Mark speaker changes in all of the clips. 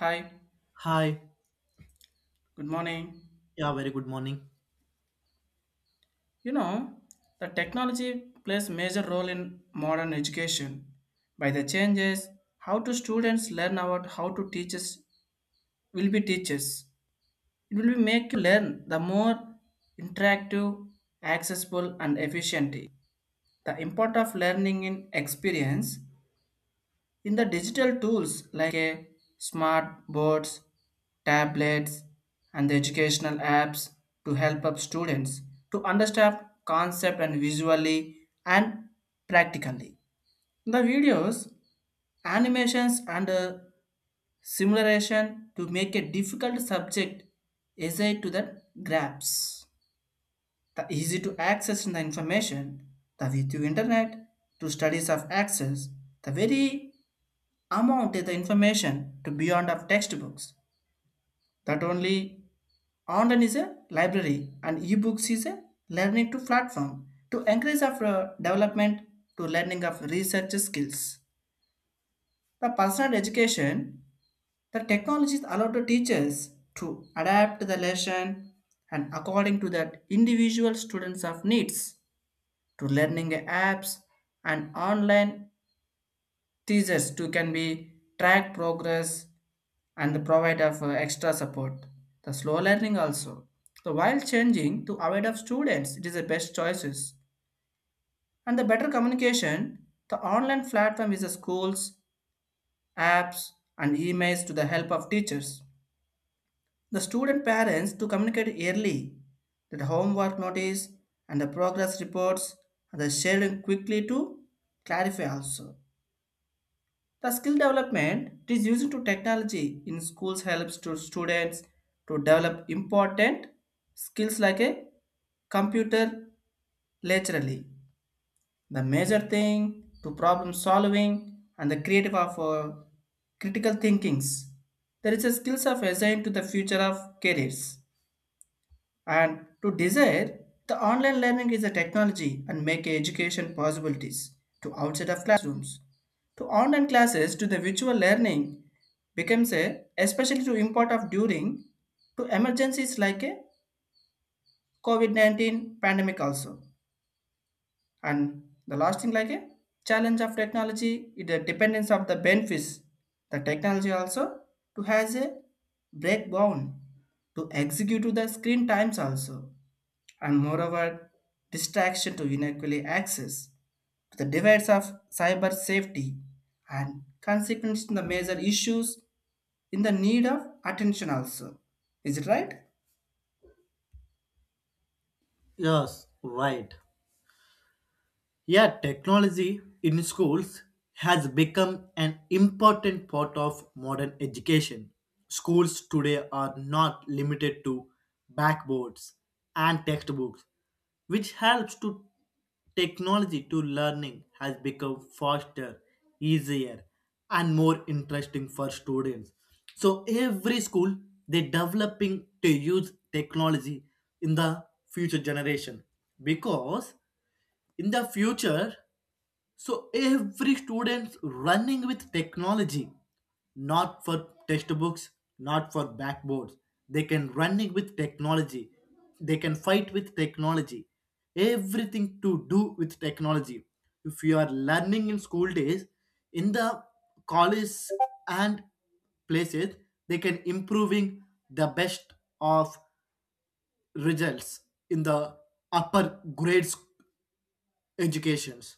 Speaker 1: Hi,
Speaker 2: Hi.
Speaker 1: good morning.
Speaker 2: Yeah, very good morning.
Speaker 1: You know, the technology plays major role in modern education. By the changes, how do students learn about how to teachers will be teachers. It will be make you learn the more interactive, accessible and efficient. The import of learning in experience in the digital tools like a smart boards, tablets, and the educational apps to help up students to understand concept and visually and practically. The videos, animations, and simulation to make a difficult subject easy to the grasp. The easy to access in the information, the with you internet to studies of access, the very amount is the information to beyond of textbooks. That only online is a library and ebooks is a learning to platform to increase of development to learning of research skills. The personal education, the technologies allow to teachers to adapt the lesson and according to that individual students of needs to learning apps and online teachers too can be track progress and provide of extra support. The slow learning also. So while changing to avoid of students, it is the best choices. And the better communication, the online platform is the schools, apps, and emails to the help of teachers. The student parents to communicate early, the homework notice and the progress reports and the sharing quickly to clarify also. The skill development it is used to technology in schools helps to students to develop important skills like a computer laterally. The major thing to problem solving and the creative of critical thinkings. There is a skills of assigned to the future of careers. And to desire, the online learning is a technology and make education possibilities to outside of classrooms. To online classes to the virtual learning becomes a especially to import of during to emergencies like a COVID-19 pandemic also. And the last thing like a challenge of technology is the dependence of the benefits. The technology also to has a breakdown to execute to the screen times also and moreover distraction to unequally access to the divides of cyber safety and consequences in the major issues in the need of attention also. Is it right?
Speaker 2: Yes, right. Yeah, technology in schools has become an important part of modern education. Schools today are not limited to backboards and textbooks, which helps to technology to learning has become faster, easier, and more interesting for students. So every school they developing to use technology in the future generation because in the future so every student's running with technology, not for textbooks, not for backboards, they can running with technology, they can fight with technology, everything to do with technology. If you are learning in school days, in the college and places, they can improving the best of results in the upper grades educations.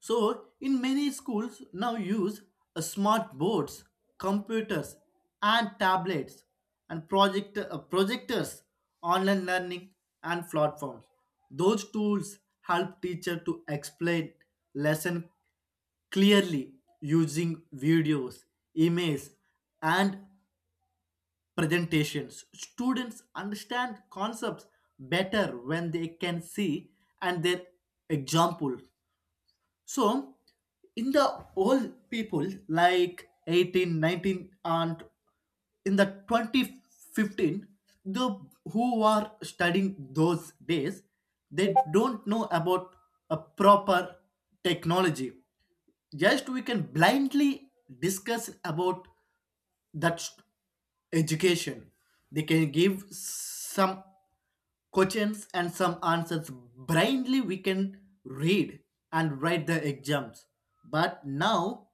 Speaker 2: So, in many schools now use smart boards, computers, and tablets, and projectors, online learning, and platforms. Those tools help teacher to explain lesson clearly using videos, images, and presentations. Students understand concepts better when they can see and their example. So, in the old people like 18, 19, and in the 2015, the who are studying those days, they don't know about a proper technology. Just we can blindly discuss about that st- education. They can give some questions and some answers, blindly we can read and write the exams, but now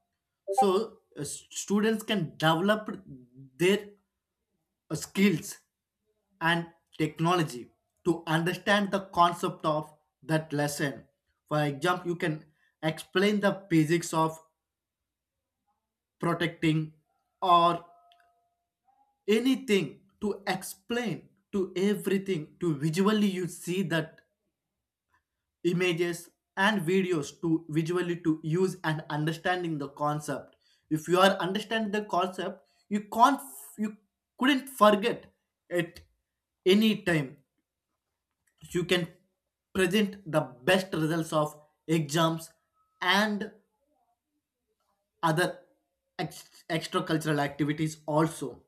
Speaker 2: so students can develop their skills and technology to understand the concept of that lesson. For example, you can explain the physics of protecting or anything, to explain to everything to visually you see that images and videos to visually to use and understanding the concept. If you are understanding the concept, you can't, you couldn't forget at any time. You can present the best results of exams and other extra activities also.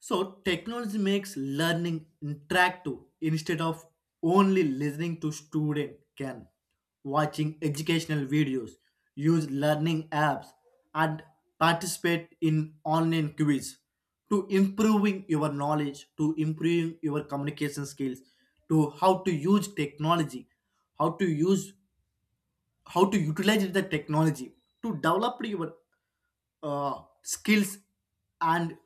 Speaker 2: So technology makes learning interactive instead of only listening. To student can watching educational videos, use learning apps and participate in online quiz to improving your knowledge, to improving your communication skills, to how to use technology, how to use, how to utilize the technology to develop your skills and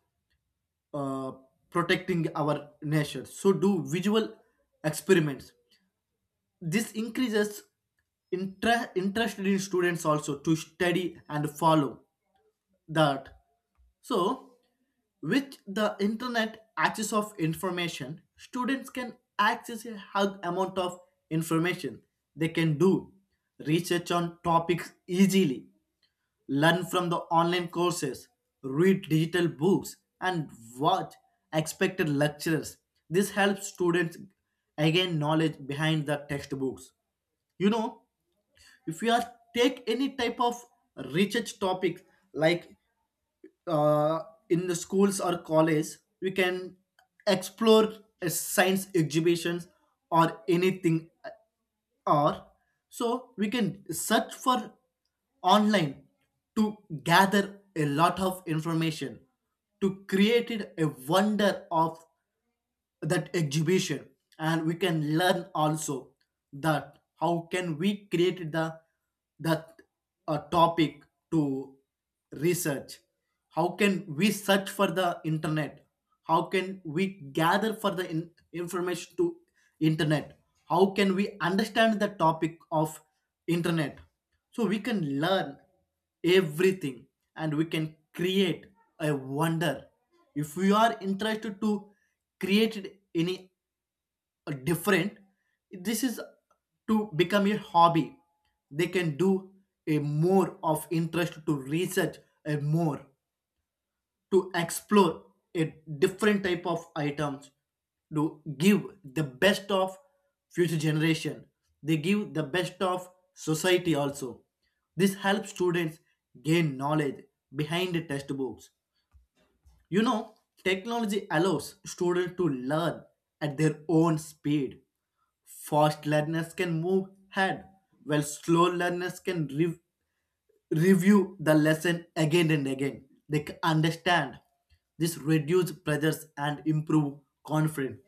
Speaker 2: uh, protecting our nature. So do visual experiments. This increases interest in students also to study and follow that. So with the internet access of information, students can access a huge amount of information. They can do research on topics easily, learn from the online courses, read digital books, and watch expected lectures. This helps students gain knowledge behind the textbooks. You know, if you are take any type of research topic, like uh, in the schools or college, we can explore a science exhibitions or anything, or so we can search for online to gather a lot of information to create a wonder of that exhibition. And we can learn also that how can we create the that a topic to research, how can we search for the internet, how can we gather for the information to internet, how can we understand the topic of internet. So we can learn everything and we can create a wonder if we are interested to create it any different. This is to become a hobby, they can do a more of interest to research, a more to explore a different type of items, to give the best of future generation, they give the best of society also. This helps students gain knowledge behind the textbooks. You know, technology allows students to learn at their own speed. Fast learners can move ahead while slow learners can review the lesson again and again. They understand. This reduce pressures and improve confidence.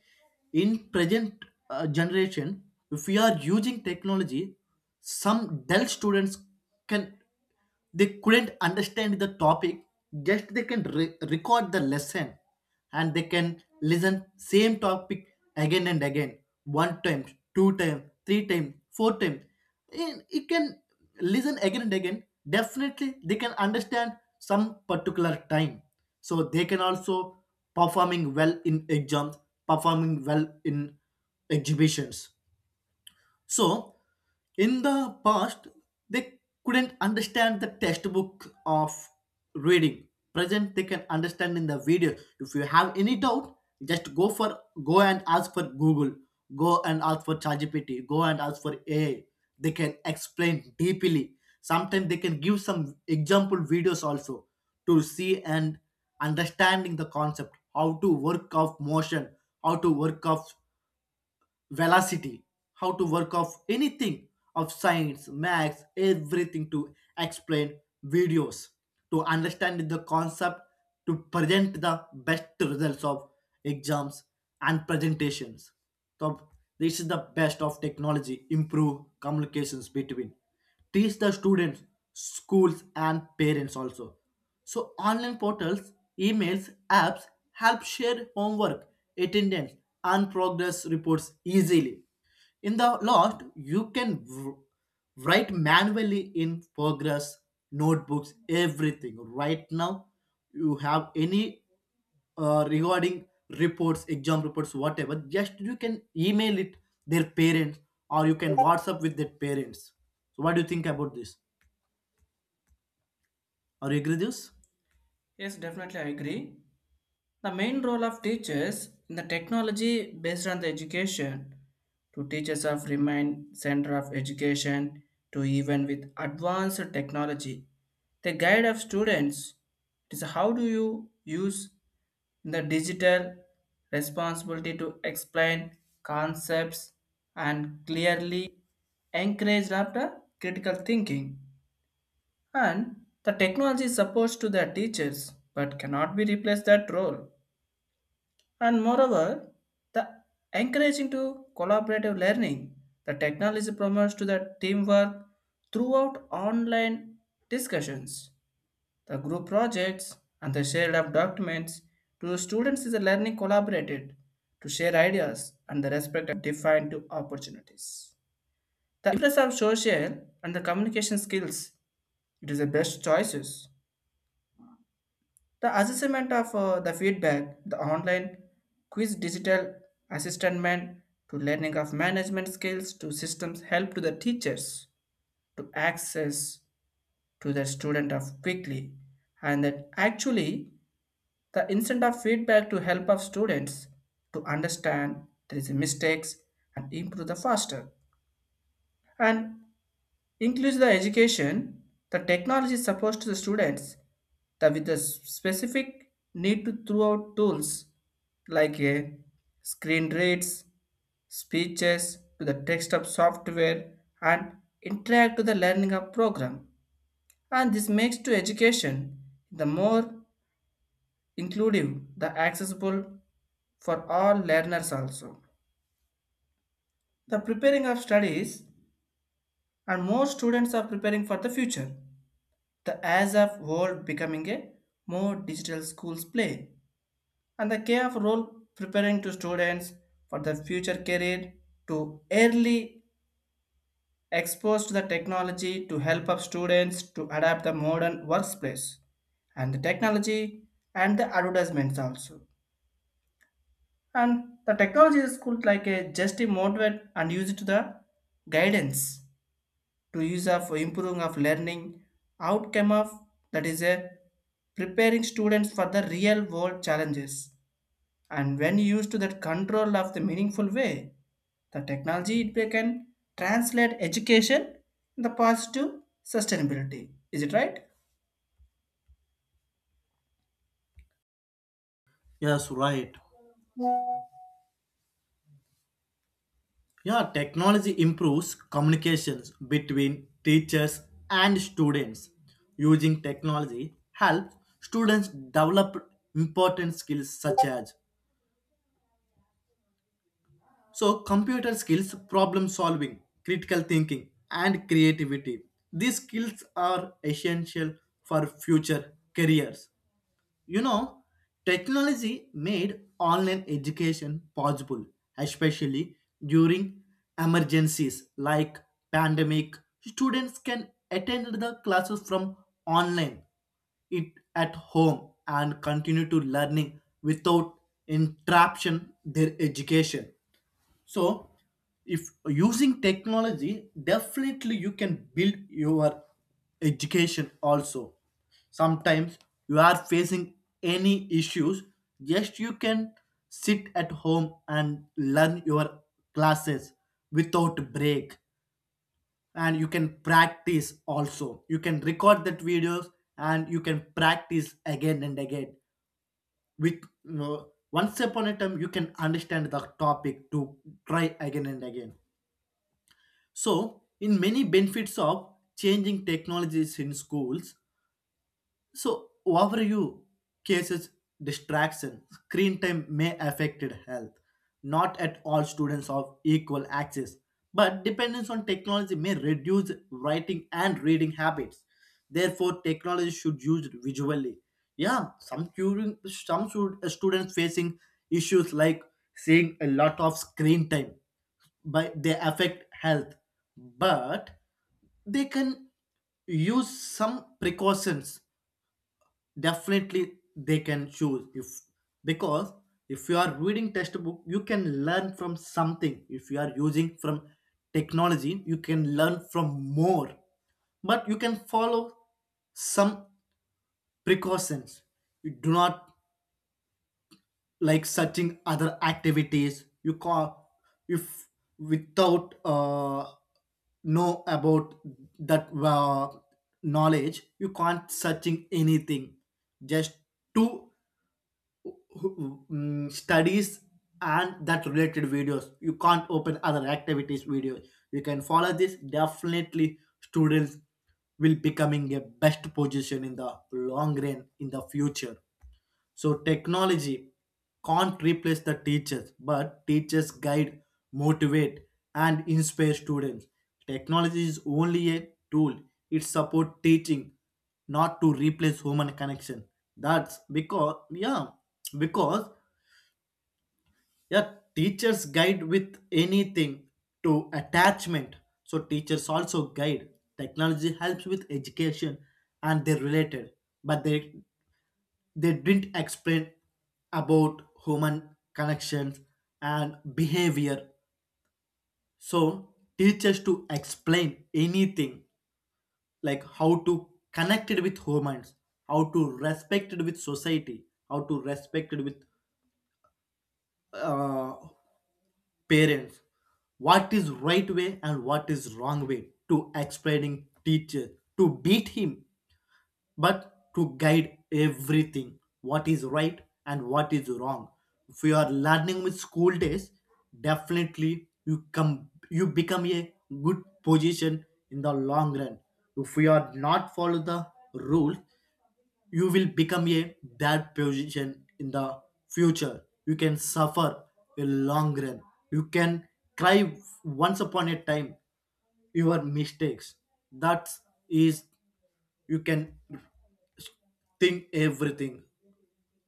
Speaker 2: In present generation, if we are using technology, some dull students can. They couldn't understand the topic, just they can record the lesson and they can listen same topic again and again, one time, two time, three time, four time. And it can listen again and again. Definitely, they can understand some particular time. So they can also performing well in exams, performing well in exhibitions. So, in the past, they couldn't understand the textbook of reading. Present, they can understand in the video. If you have any doubt, just go and ask for Google, go and ask for ChatGPT, go and ask for AI. They can explain deeply. Sometimes they can give some example videos also, to see and understanding the concept, how to work of motion, how to work of velocity, how to work of anything of science, maths, everything to explain videos, to understand the concept, to present the best results of exams and presentations. So this is the best of technology, improve communications between teach the students, schools and parents also. So online portals, emails, apps help share homework, attendance, and progress reports easily. In the last you can write manually in progress notebooks everything. Right now you have any regarding reports, exam reports, whatever, just you can email it their parents or you can WhatsApp with their parents. So what do you think about this? Are you agree this?
Speaker 1: Yes, definitely I agree. The main role of teachers in the technology based on the education to teachers of remain center of education to even with advanced technology. The guide of students is how do you use the digital responsibility to explain concepts and clearly encourage after critical thinking. And the technology supports to the teachers but cannot be replaced that role. And moreover, the encouraging to collaborative learning, the technology promotes to the teamwork throughout online discussions, the group projects, and the shared of documents to students is a learning collaborated to share ideas and the respect of defined to opportunities. The impress of social and the communication skills, it is the best choices. The assessment of the feedback, the online quiz digital assessment to learning of management skills to systems help to the teachers to access to the student of quickly and that actually the instant of feedback to help of students to understand there is mistakes and improve the faster and includes the education, the technology supposed to the students, the with the specific need to throughout tools like a screen reads, speeches to the text of software and interact to the learning of program. And this makes to education the more inclusive, the accessible for all learners also. The preparing of studies and more students are preparing for the future. The as of world becoming a more digital schools play and the care of role preparing to students for the future career to early expose to the technology to help up students to adapt the modern workplace and the technology and the advertisements also and the technology is cool like a just a motivate and use it to the guidance to use of improving of learning outcome of that is a preparing students for the real world challenges and when used to that control of the meaningful way the technology it can translate education in the positive sustainability. Is it right?
Speaker 2: Yes, right. Yeah, technology improves communications between teachers and students. Using technology helps students develop important skills such as, so, computer skills, problem solving, critical thinking, and creativity. These skills are essential for future careers. You know, technology made online education possible, especially during emergencies like pandemic. Students can attend the classes from online it at home and continue to learning without interruption their education. So, if using technology, definitely you can build your education also. Sometimes you are facing any issues, just you can sit at home and learn your classes without break, and you can practice also, you can record that videos and you can practice again and again. With, you know, once upon a time you can understand the topic, to try again and again. So, in many benefits of changing technologies in schools, so overview cases distraction, screen time may affect health. Not at all students of equal access, but dependence on technology may reduce writing and reading habits. Therefore, technology should used visually. Yeah, some student, students facing issues like seeing a lot of screen time, but they affect health. But they can use some precautions, definitely they can choose if, because if you are reading textbook you can learn from something, if you are using from technology you can learn from more. But you can follow some precautions, you do not like searching other activities you call, if without know about that knowledge you can't searching anything, just two studies and that related videos, you can't open other activities videos. You can follow this, definitely students will becoming a best position in the long run in the future. So technology can't replace the teachers, but teachers guide, motivate, and inspire students. Technology is only a tool. It supports teaching, not to replace human connection. That's because yeah, teachers guide with anything to attachment. So teachers also guide. Technology helps with education and they're related, but they didn't explain about human connections and behavior. So teach us to explain anything, like how to connect it with humans, how to respect it with society, how to respect it with uh, parents. What is right way and what is wrong way to explaining teacher to beat him, but to guide everything what is right and what is wrong. If you are learning with school days, definitely you become a good position in the long run. If you are not follow the rules, you will become a bad position in the future. You can suffer a long run. You can cry once upon a time your mistakes. That is, you can think everything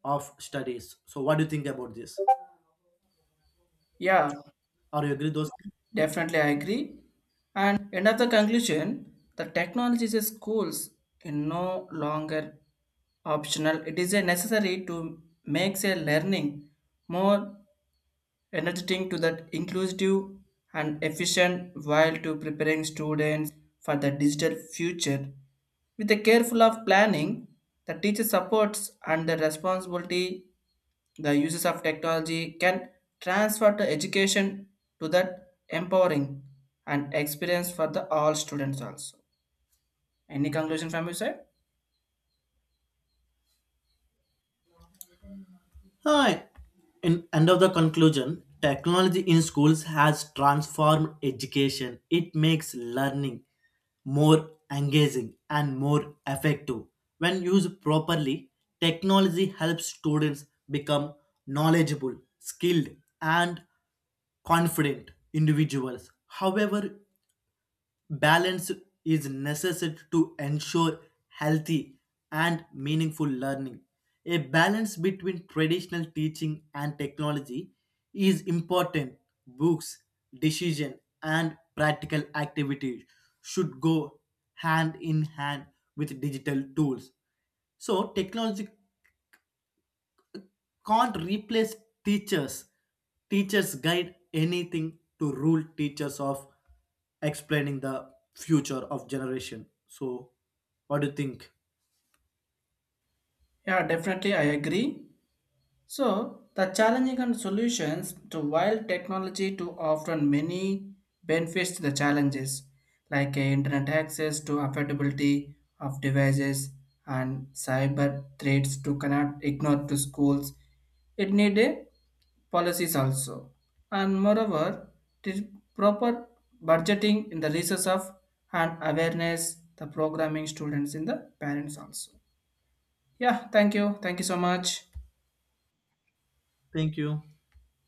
Speaker 2: of studies. So what do you think about this?
Speaker 1: Yeah,
Speaker 2: Are you agree those?
Speaker 1: definitely, I agree. And end of the conclusion, the technology is a schools is no longer optional. It is a necessary to make a learning more energetic to that inclusive and efficient while to preparing students for the digital future. With a careful of planning, the teacher supports and the responsibility the uses of technology can transfer the education to that empowering and experience for the all students also. Any conclusion from you side?
Speaker 2: Hi. In end of the conclusion, technology in schools has transformed education. It makes learning more engaging and more effective. When used properly, technology helps students become knowledgeable, skilled, and confident individuals. However, balance is necessary to ensure healthy and meaningful learning. A balance between traditional teaching and technology is important. Books, decision, and practical activities should go hand in hand with digital tools. So, technology can't replace teachers. Teachers guide anything to rule teachers of explaining the future of generation. So, what do you think?
Speaker 1: Yeah, definitely I agree. So, the challenging and solutions to wild technology to offer many benefits to the challenges, like internet access to affordability of devices and cyber threats to cannot ignore to schools. It need a policies also. And moreover, the proper budgeting in the resource of and awareness, the programming students in the parents also. Yeah, thank you. Thank you so much.
Speaker 2: Thank you.